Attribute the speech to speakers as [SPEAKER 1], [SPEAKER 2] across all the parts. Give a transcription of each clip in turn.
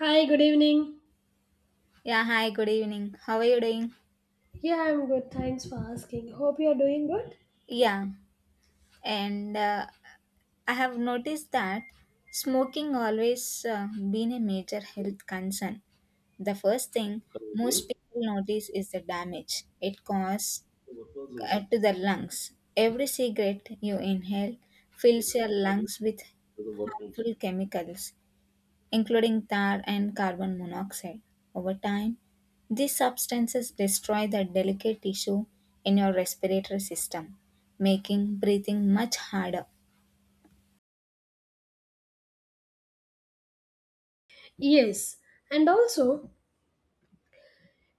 [SPEAKER 1] Hi, good evening.
[SPEAKER 2] Yeah, hi, good evening. How are you doing?
[SPEAKER 1] Yeah, I'm good. Thanks for asking. Hope you're doing good.
[SPEAKER 2] Yeah, and I have noticed that smoking always been a major health concern. The first thing most people notice is the damage it causes to the lungs. Every cigarette you inhale fills your lungs with harmful chemicals including tar and carbon monoxide. Over time, these substances destroy the delicate tissue in your respiratory system, making breathing much harder.
[SPEAKER 1] Yes, and also,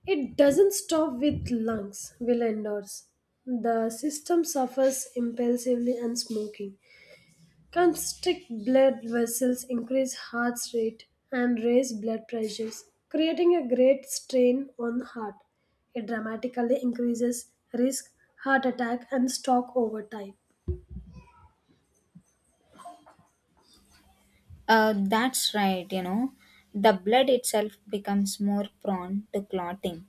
[SPEAKER 1] it doesn't stop with lungs, will endorse. The system suffers impulsively and smoking. Constrict blood vessels increase heart rate and raise blood pressures, creating a great strain on heart. It dramatically increases risk, heart attack, and stroke over time.
[SPEAKER 2] That's right, you know, the blood itself becomes more prone to clotting,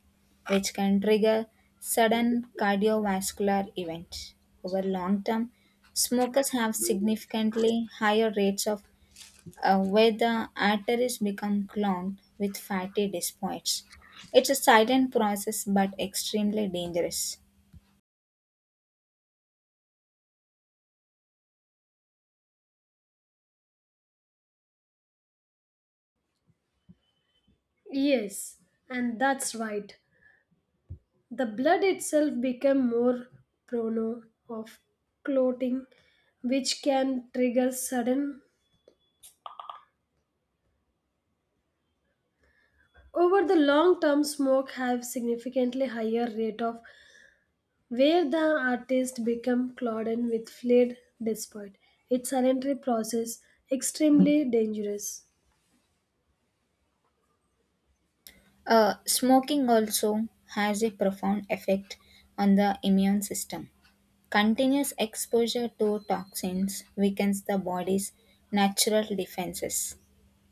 [SPEAKER 2] which can trigger sudden cardiovascular events. Over long term, smokers have significantly higher rates of where the arteries become clogged with fatty deposits. It's a silent process but extremely dangerous.
[SPEAKER 1] Yes, and that's right. The blood itself become more prone of clotting, which can trigger sudden. Over the long term, smoke have significantly higher rate of where the artist become clouded with fluid despite its voluntary process extremely dangerous.
[SPEAKER 2] Smoking also has a profound effect on the immune system. Continuous exposure to toxins weakens the body's natural defenses.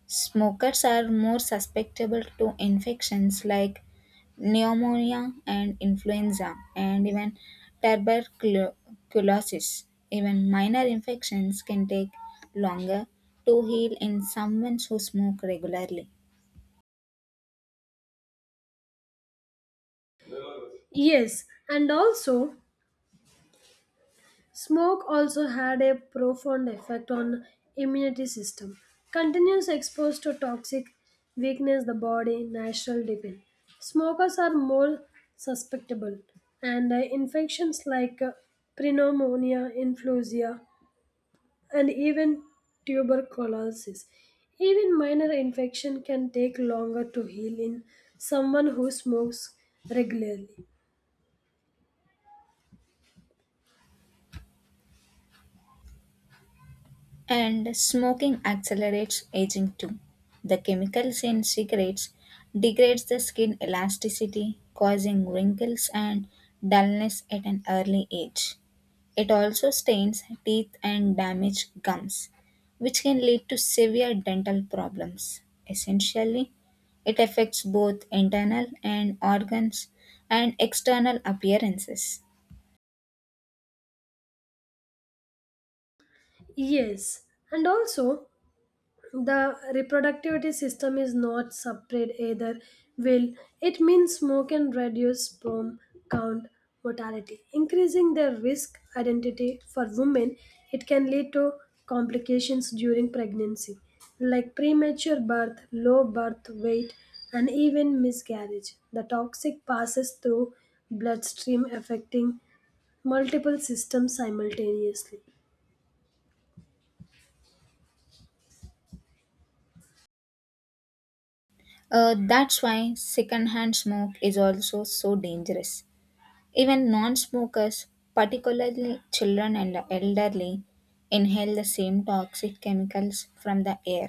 [SPEAKER 2] Smokers are more susceptible to infections like pneumonia and influenza, and even tuberculosis. Even minor infections can take longer to heal in someone who smoke regularly.
[SPEAKER 1] Yes, and also smoke also had a profound effect on immunity system. Continuous exposure to toxic weakness the body natural depend. Smokers are more susceptible and infections like pneumonia, influenza and even tuberculosis. Even minor infection can take longer to heal in someone who smokes regularly.
[SPEAKER 2] And smoking accelerates aging too. The chemicals in cigarettes degrades the skin elasticity, causing wrinkles and dullness at an early age. It also stains teeth and damages gums, which can lead to severe dental problems. Essentially, it affects both internal and organs and external appearances.
[SPEAKER 1] Yes, and also the reproductivity system is not separate either will it means smoke can reduce sperm count mortality increasing their risk identity for women it can lead to complications during pregnancy like premature birth low birth weight and even miscarriage the toxic passes through bloodstream affecting multiple systems simultaneously.
[SPEAKER 2] That's why secondhand smoke is also so dangerous. Even non smokers, particularly children and the elderly, inhale the same toxic chemicals from the air.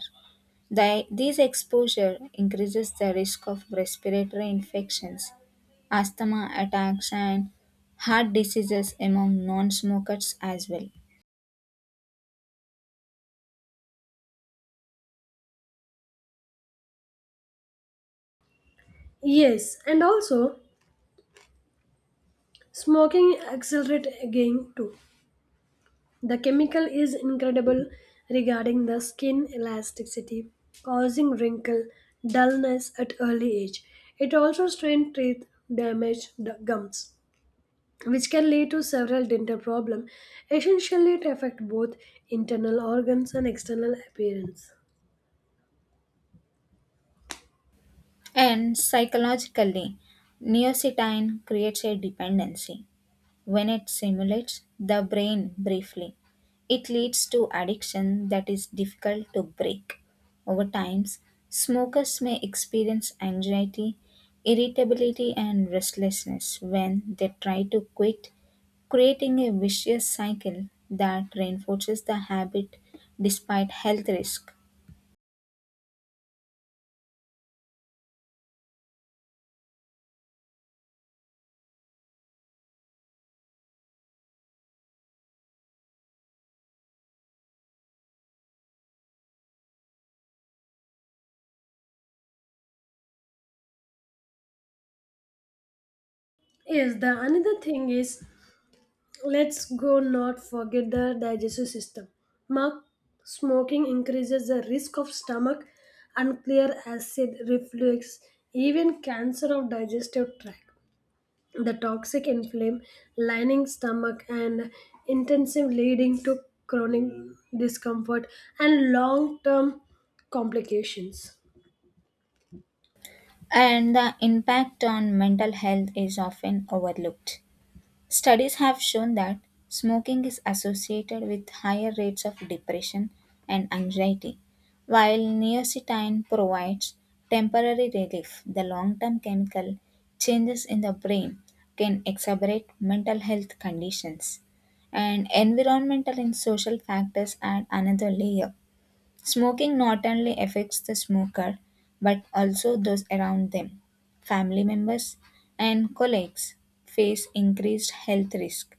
[SPEAKER 2] This exposure increases the risk of respiratory infections, asthma attacks, and heart diseases among non smokers as well.
[SPEAKER 1] Yes, and also smoking accelerates aging too. The chemical is incredible regarding the skin elasticity, causing wrinkle, dullness at early age. It also strains teeth, damage the gums, which can lead to several dental problems. Essentially, it affects both internal organs and external appearance.
[SPEAKER 2] And psychologically, neocitine creates a dependency. When it simulates the brain briefly, it leads to addiction that is difficult to break. Over time, smokers may experience anxiety, irritability, and restlessness when they try to quit, creating a vicious cycle that reinforces the habit despite health risk.
[SPEAKER 1] Yes, the another thing is let's go not forget the digestive system. Mark, smoking increases the risk of stomach, unclear acid reflux, even cancer of digestive tract. The toxic inflame lining stomach and intensive leading to chronic discomfort and long-term complications.
[SPEAKER 2] And the impact on mental health is often overlooked. Studies have shown that smoking is associated with higher rates of depression and anxiety. While neocitine provides temporary relief, the long term chemical changes in the brain can exacerbate mental health conditions. And environmental and social factors add another layer. Smoking not only affects the smoker but also those around them. Family members and colleagues face increased health risk,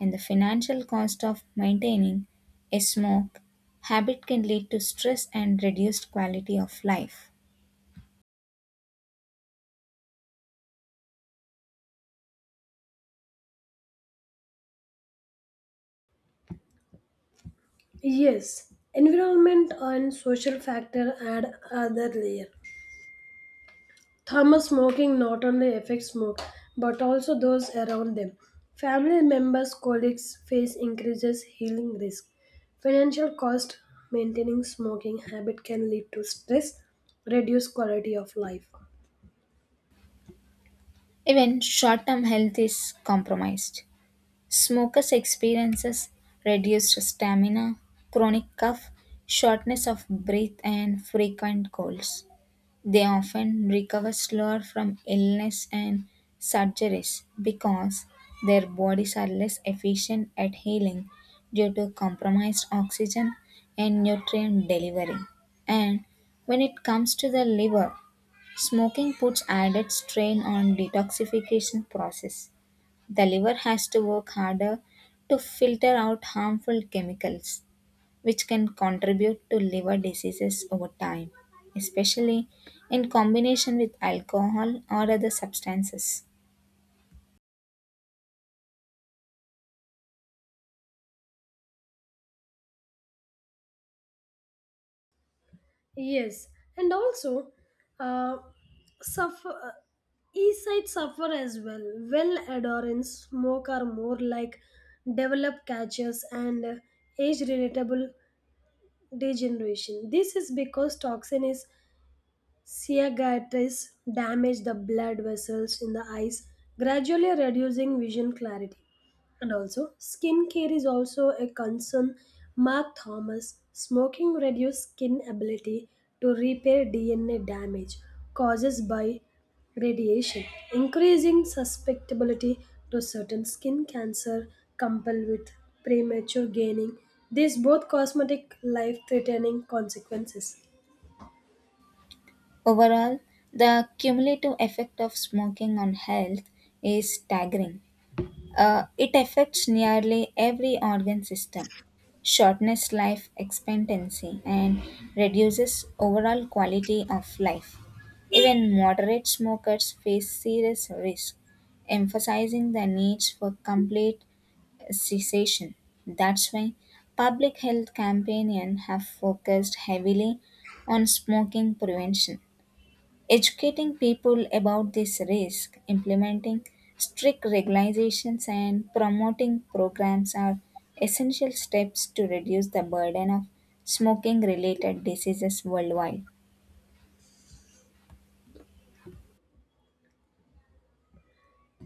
[SPEAKER 2] and the financial cost of maintaining a smoke habit can lead to stress and reduced quality of life.
[SPEAKER 1] Yes, environment and social factor add other layer. Thermal smoking not only affects smoke but also those around them. Family members, colleagues face increases healing risk. Financial cost maintaining smoking habit can lead to stress, reduced quality of life.
[SPEAKER 2] Even short-term health is compromised. Smokers experiences reduced stamina, chronic cough, shortness of breath and frequent colds. They often recover slower from illness and surgeries because their bodies are less efficient at healing due to compromised oxygen and nutrient delivery. And when it comes to the liver, smoking puts added strain on detoxification process. The liver has to work harder to filter out harmful chemicals which can contribute to liver diseases over time, especially in combination with alcohol or other substances.
[SPEAKER 1] Yes, and also uh, suffer. East side suffer as well. Well adherents smoke are more like developed catchers and age relatable degeneration. This is because toxin is Cicatrices damage the blood vessels in the eyes, gradually reducing vision clarity. And also, skin care is also a concern. Mark Thomas, smoking reduces skin ability to repair DNA damage caused by radiation, increasing susceptibility to certain skin cancer coupled with premature gaining. These both cosmetic life-threatening consequences.
[SPEAKER 2] Overall, the cumulative effect of smoking on health is staggering. It affects nearly every organ system, shortens life expectancy, and reduces overall quality of life. Even moderate smokers face serious risk, emphasizing the need for complete cessation. That's why public health campaigns have focused heavily on smoking prevention. Educating people about this risk, implementing strict regulations, and promoting programs are essential steps to reduce the burden of smoking related diseases worldwide.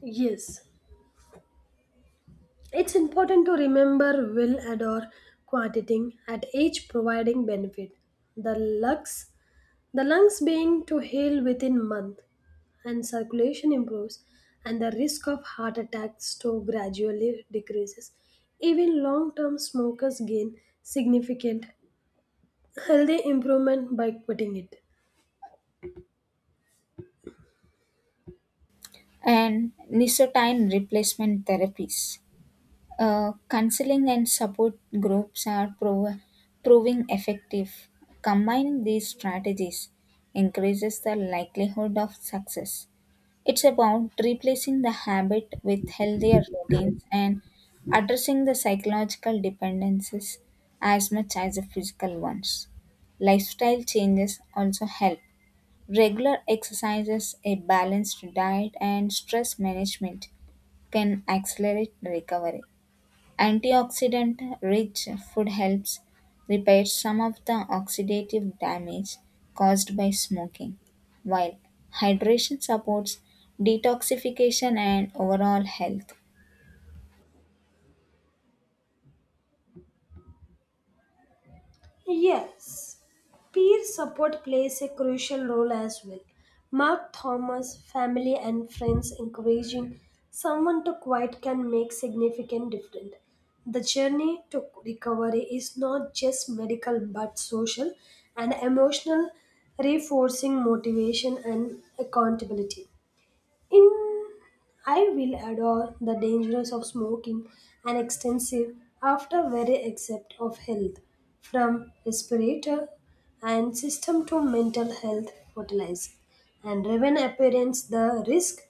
[SPEAKER 1] Yes, it's important to remember will adore quantitating at each providing benefit. The lungs, the lungs being to heal within month and circulation improves and the risk of heart attacks to gradually decreases. Even long-term smokers gain significant healthy improvement by quitting it.
[SPEAKER 2] And nicotine replacement therapies. Counseling and support groups are proving effective. Combining these strategies increases the likelihood of success. It's about replacing the habit with healthier routines and addressing the psychological dependencies as much as the physical ones. Lifestyle changes also help. Regular exercises, a balanced diet, and stress management can accelerate recovery. Antioxidant-rich food helps repair some of the oxidative damage caused by smoking, while hydration supports detoxification and overall health.
[SPEAKER 1] Yes, peer support plays a crucial role as well. Mark Thomas, family and friends encouraging someone to quit can make significant difference. The journey to recovery is not just medical but social and emotional, reinforcing motivation and accountability. In I will adore the dangers of smoking and extensive after very except of health from respirator and system to mental health fertilizer and even appearance the risk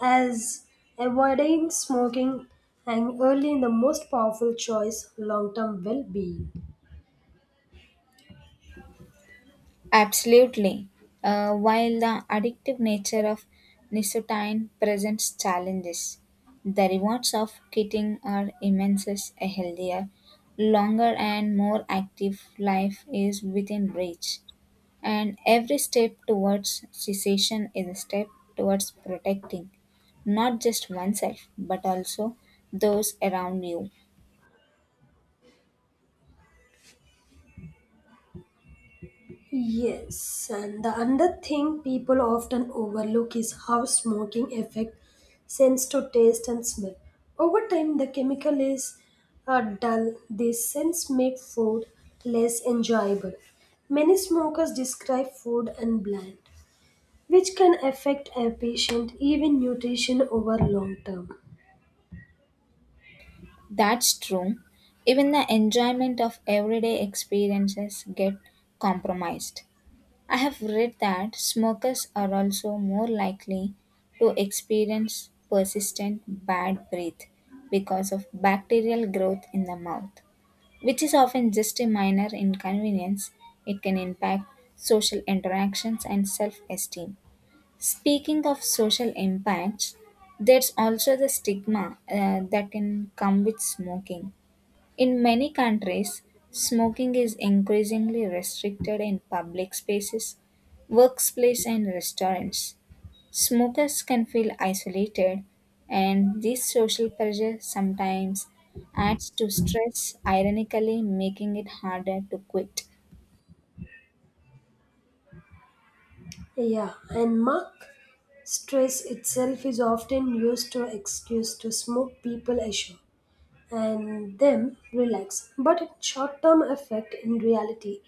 [SPEAKER 1] as avoiding smoking and early in the most powerful choice long term well being.
[SPEAKER 2] Absolutely. While the addictive nature of nicotine presents challenges, the rewards of quitting are immense. A healthier, longer, and more active life is within reach. And every step towards cessation is a step towards protecting not just oneself but also those around you.
[SPEAKER 1] Yes, and the other thing people often overlook is how smoking affects sense to taste and smell. Over time, the chemical is dull. These scents make food less enjoyable. Many smokers describe food and bland, which can affect a patient even nutrition over long term.
[SPEAKER 2] That's true. Even the enjoyment of everyday experiences get compromised. I have read that smokers are also more likely to experience persistent bad breath because of bacterial growth in the mouth, which is often just a minor inconvenience, it can impact social interactions and self esteem. Speaking of social impacts, there's also the stigma that can come with smoking. In many countries, smoking is increasingly restricted in public spaces, workplace, and restaurants. Smokers can feel isolated, and this social pressure sometimes adds to stress, ironically, making it harder to quit.
[SPEAKER 1] Yeah, and mark stress itself is often used to excuse to smoke people ashore, and them relax. But its short term effect in reality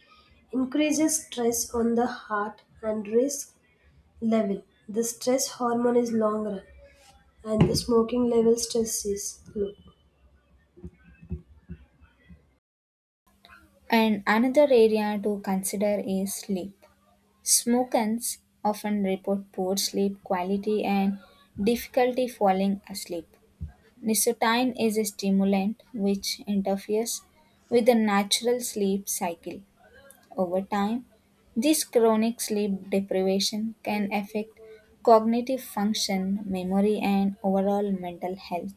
[SPEAKER 1] increases stress on the heart and risk level. The stress hormone is long run and the smoking level stress is low.
[SPEAKER 2] And another area to consider is sleep. Smokers often report poor sleep quality and difficulty falling asleep. Nicotine is a stimulant which interferes with the natural sleep cycle. Over time, this chronic sleep deprivation can affect cognitive function, memory, and overall mental health.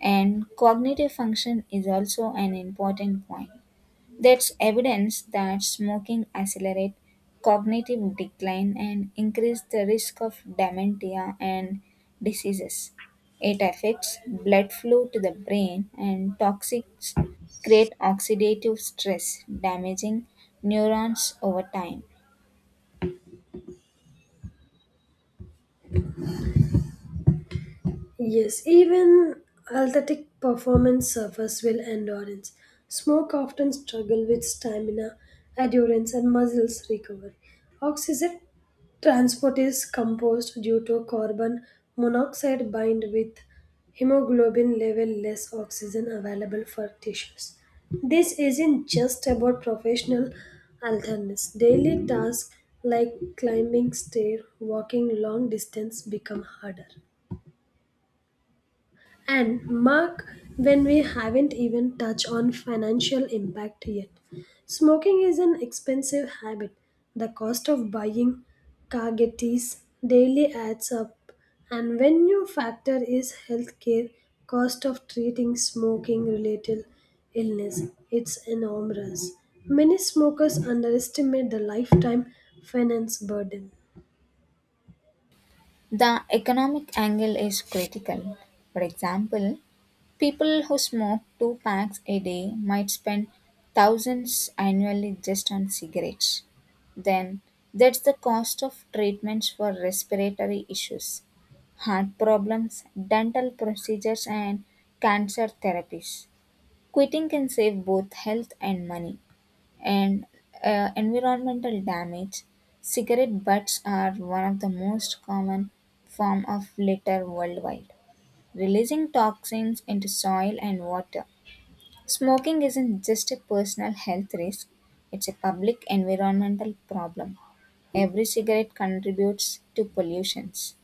[SPEAKER 2] And cognitive function is also an important point. That's evidence that smoking accelerates cognitive decline and increases the risk of dementia and diseases. It affects blood flow to the brain, and toxins create oxidative stress, damaging neurons over time.
[SPEAKER 1] Yes, even athletic performance suffers will endurance. Smoke often struggle with stamina, endurance, and muscles recovery. Oxygen transport is composed due to carbon monoxide bind with hemoglobin level less oxygen available for tissues. This isn't just about professional athletes. Daily tasks like climbing stair, walking long distance become harder. And Mark, when we haven't even touched on financial impact yet. Smoking is an expensive habit. The cost of buying Kagetis daily adds up. And when you factor is healthcare cost of treating smoking related illness, it's enormous. Many smokers underestimate the lifetime finance burden.
[SPEAKER 2] The economic angle is critical. For example, people who smoke two packs a day might spend thousands annually just on cigarettes. Then, that's the cost of treatments for respiratory issues, heart problems, dental procedures, and cancer therapies. Quitting can save both health and money. And environmental damage. Cigarette butts are one of the most common form of litter worldwide, releasing toxins into soil and water. Smoking isn't just a personal health risk, it's a public environmental problem. Every cigarette contributes to pollutions.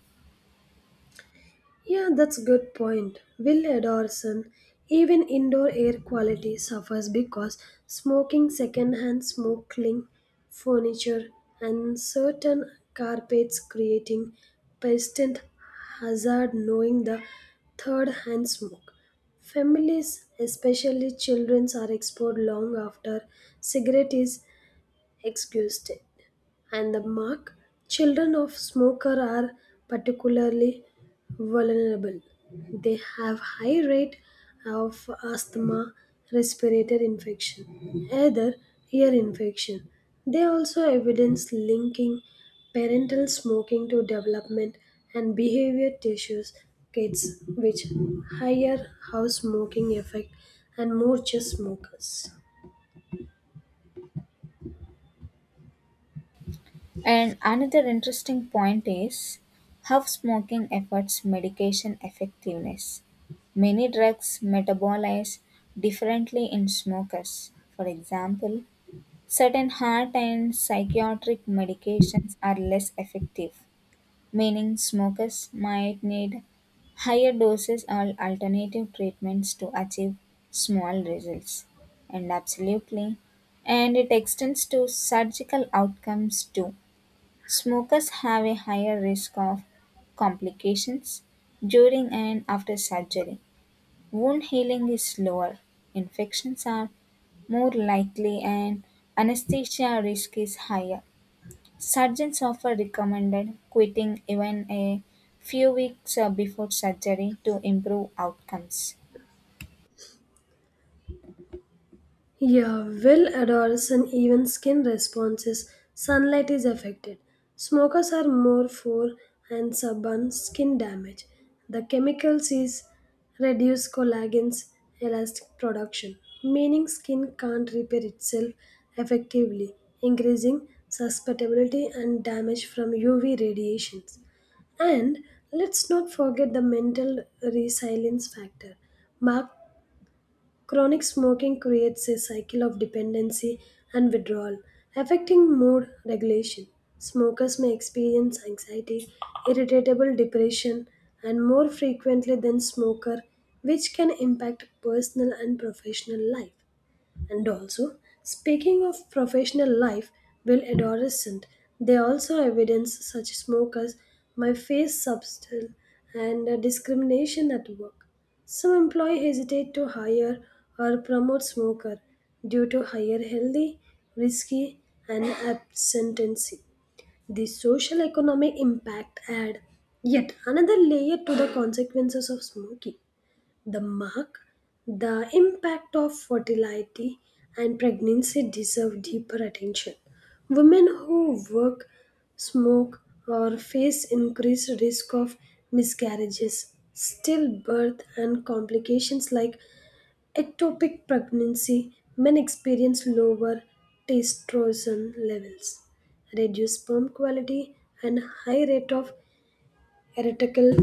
[SPEAKER 1] Yeah, that's a good point. Will Adorson, even indoor air quality suffers because smoking secondhand smoke cling furniture and certain carpets creating persistent hazard knowing the third hand smoke. Families, especially children, are exposed long after cigarette is exhausted and the mark, children of smoker are particularly vulnerable. They have high rate of asthma, respiratory infection, other ear infection. They also evidence linking parental smoking to development and behavior tissues kids which higher house smoking effect and more just smokers.
[SPEAKER 2] And another interesting point is how smoking affects medication effectiveness. Many drugs metabolize differently in smokers. For example, certain heart and psychiatric medications are less effective, meaning smokers might need higher doses or alternative treatments to achieve small results. And absolutely, and it extends to surgical outcomes too. Smokers have a higher risk of complications during and after surgery. Wound healing is slower, infections are more likely, and anesthesia risk is higher. Surgeons often recommended quitting even a few weeks before surgery to improve outcomes.
[SPEAKER 1] Yeah, will odors and even skin responses, sunlight is affected. Smokers are more for and stubborn skin damage. The chemicals is reduce collagen's elastic production, meaning skin can't repair itself effectively, increasing susceptibility and damage from UV radiations. And let's not forget the mental resilience factor. Mark chronic smoking creates a cycle of dependency and withdrawal, affecting mood regulation. Smokers may experience anxiety, irritable depression, and more frequently than smoker, which can impact personal and professional life. And also, speaking of professional life, will adolescent, they also evidence such smoke as my face subtle and discrimination at work. Some employee hesitate to hire or promote smoker due to higher healthy, risky, and absentancy. The social economic impact add yet another layer to the consequences of smoking the mark, the impact of fertility and pregnancy deserve deeper attention. Women who work, smoke, or face increased risk of miscarriages, stillbirth, and complications like ectopic pregnancy may experience lower testosterone levels, reduced sperm quality, and high rate of erectile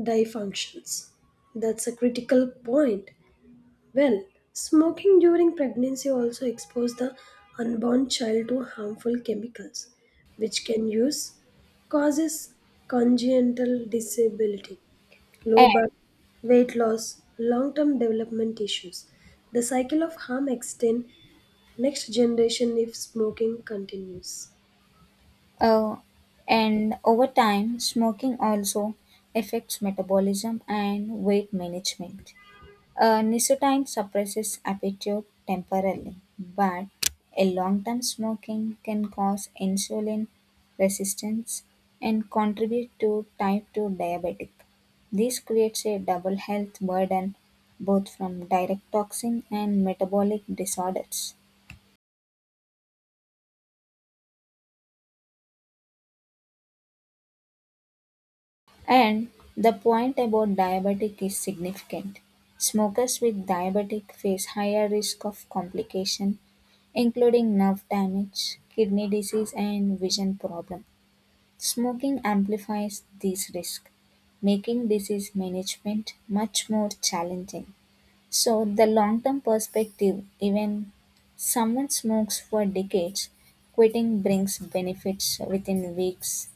[SPEAKER 1] dysfunctions. That's a critical point. Well, smoking during pregnancy also exposes the unborn child to harmful chemicals, which can use causes congenital disability, low
[SPEAKER 2] And,
[SPEAKER 1] birth, weight loss, long-term development issues. The cycle of harm extends next generation if smoking continues.
[SPEAKER 2] uh, and over time, smoking also affects metabolism and weight management. Nicotine suppresses appetite temporarily, but a long-term smoking can cause insulin resistance and contribute to type 2 diabetic. This creates a double health burden both from direct toxin and metabolic disorders. And the point about diabetic is significant. Smokers with diabetic face higher risk of complication, including nerve damage, kidney disease, and vision problem. Smoking amplifies these risks, making disease management much more challenging. So, the long term perspective, even someone smokes for decades, quitting brings benefits within weeks.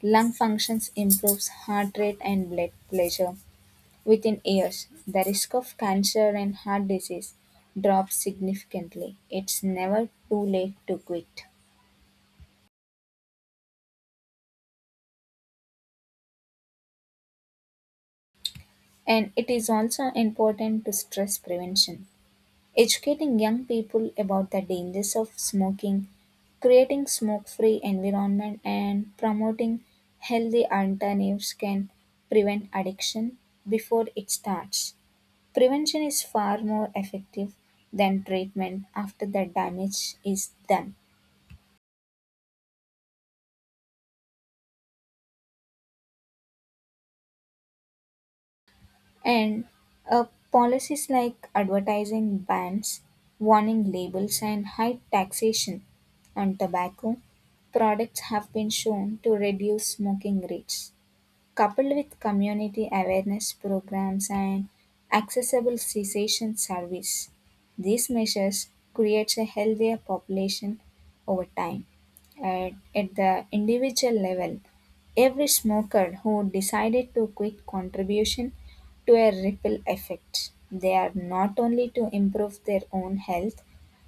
[SPEAKER 2] Lung functions improves heart rate and blood pressure within years. The risk of cancer and heart disease drops significantly. It's never too late to quit. And it is also important to stress prevention. Educating young people about the dangers of smoking, creating smoke free environment and promoting healthy alternatives can prevent addiction before it starts. Prevention is far more effective than treatment after the damage is done. And uh, policies like advertising bans, warning labels, and high taxation on tobacco products have been shown to reduce smoking rates coupled with community awareness programs and accessible cessation service. These measures creates a healthier population over time. At the individual level, every smoker who decided to quit contribution to a ripple effect. They are not only to improve their own health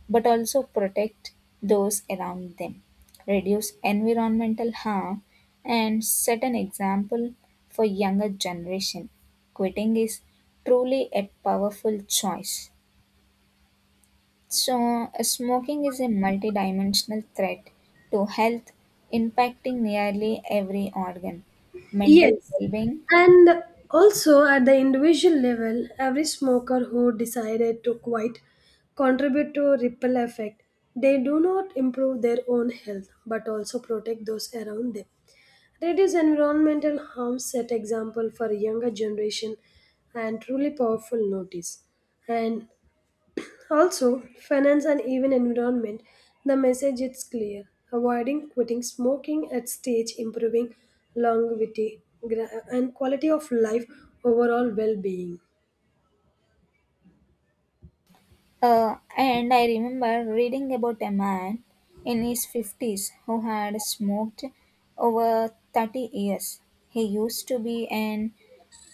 [SPEAKER 2] but also protect those around them, reduce environmental harm, and set an example for younger generation. Quitting is truly a powerful choice. So, smoking is a multidimensional threat to health, impacting nearly every organ, mental
[SPEAKER 1] Yes,
[SPEAKER 2] well-being.
[SPEAKER 1] and also at the individual level, every smoker who decided to quit contribute to a ripple effect. They do not improve their own health but also protect those around them. Reduce environmental harm set example for younger generation and truly powerful notice. And also, finance and even environment, the message is clear. Avoiding quitting smoking at stage, improving longevity gra- and quality of life, overall well being.
[SPEAKER 2] And I remember reading about a man in his 50s who had smoked over 30 years. He used to be an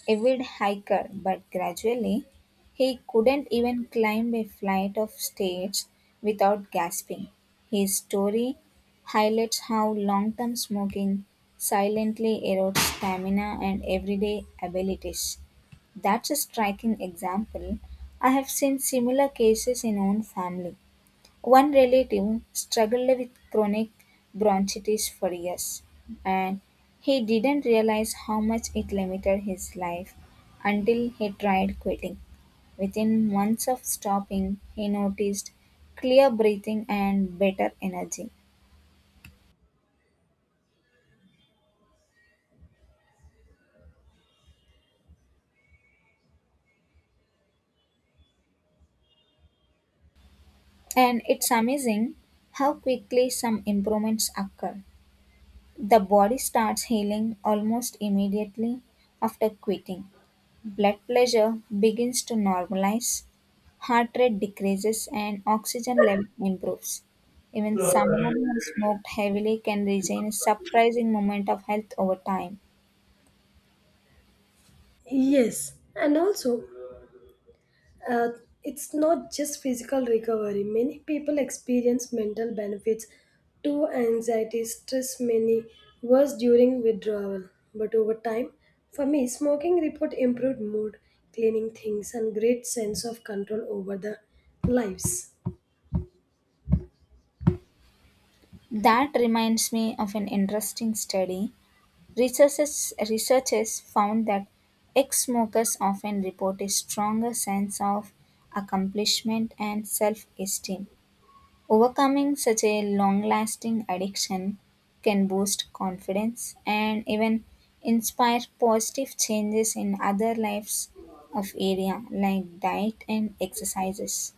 [SPEAKER 2] avid hiker, but gradually he couldn't even climb a flight of stairs without gasping. His story highlights how long term smoking silently erodes stamina and everyday abilities. That's a striking example. I have seen similar cases in own family. One relative struggled with chronic bronchitis for years, and he didn't realize how much it limited his life until he tried quitting. Within months of stopping, he noticed clear breathing and better energy. And it's amazing how quickly some improvements occur. The body starts healing almost immediately after quitting. Blood pressure begins to normalize, heart rate decreases, and oxygen level improves. Even someone who smoked heavily can regain a surprising amount of health over time.
[SPEAKER 1] Yes, and also Uh, it's not just physical recovery. Many people experience mental benefits to anxiety, stress, many worse during withdrawal. But over time, for me, smoking report improved mood, cleaning things, and great sense of control over the lives.
[SPEAKER 2] That reminds me of an interesting study. Researchers found that ex smokers often report a stronger sense of accomplishment and self esteem. Overcoming such a long lasting addiction can boost confidence and even inspire positive changes in other lives of area like diet and exercises.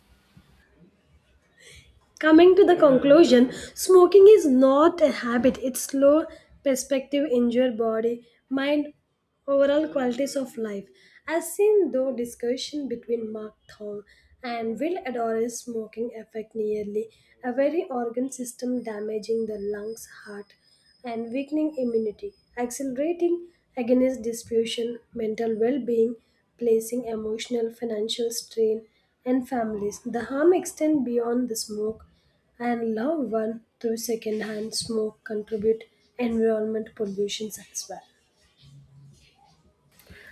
[SPEAKER 1] Coming to the conclusion, smoking is not a habit. It's slow perspective in your body, mind, overall qualities of life. As seen though discussion between Mark Thong and Will Adore's smoking affect nearly every organ system damaging the lungs, heart and weakening immunity, accelerating agonist dispersion, mental well-being, placing emotional financial strain and families. The harm extend beyond the smoke and loved one through secondhand smoke contribute environment pollutions as well.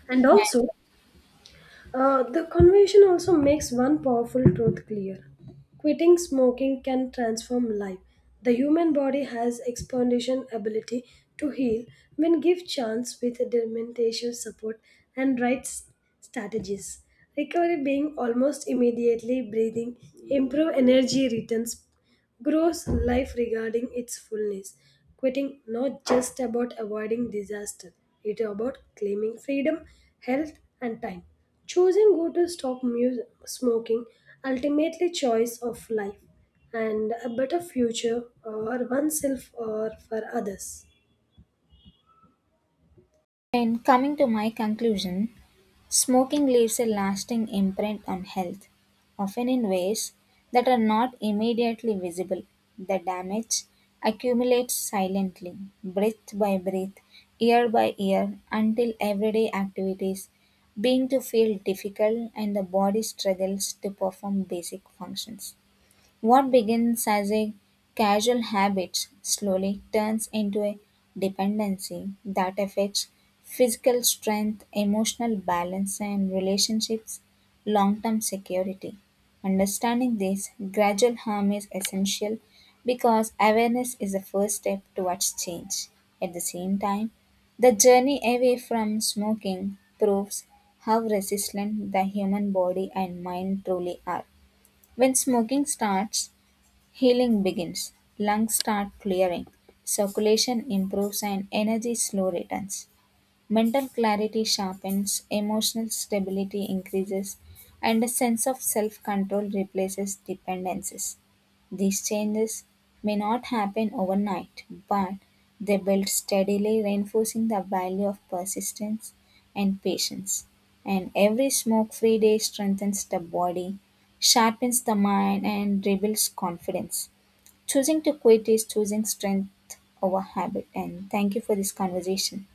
[SPEAKER 1] And also the conversation also makes one powerful truth clear. Quitting smoking can transform life. The human body has expansion ability to heal when give chance with determination support and right strategies. Recovery being almost immediately breathing, improve energy returns grows life regarding its fullness. Quitting not just about avoiding disaster, it is about claiming freedom, health, and time. Choosing go to stop smoking, ultimately choice of life and a better future or oneself or for others.
[SPEAKER 2] In coming to my conclusion, smoking leaves a lasting imprint on health, often in ways that are not immediately visible. The damage accumulates silently, breath by breath, year by year, until everyday activities begin to feel difficult and the body struggles to perform basic functions. What begins as a casual habit slowly turns into a dependency that affects physical strength, emotional balance, and relationships' long term security. Understanding this gradual harm is essential because awareness is the first step towards change. At the same time, the journey away from smoking proves how resistant the human body and mind truly are. When smoking starts, healing begins, lungs start clearing, circulation improves, and energy slow returns. Mental clarity sharpens, emotional stability increases, and a sense of self control replaces dependencies. These changes may not happen overnight, but they build steadily, reinforcing the value of persistence and patience. And every smoke free day strengthens the body, sharpens the mind, and rebuilds confidence. Choosing to quit is choosing strength over habit. And thank you for this conversation.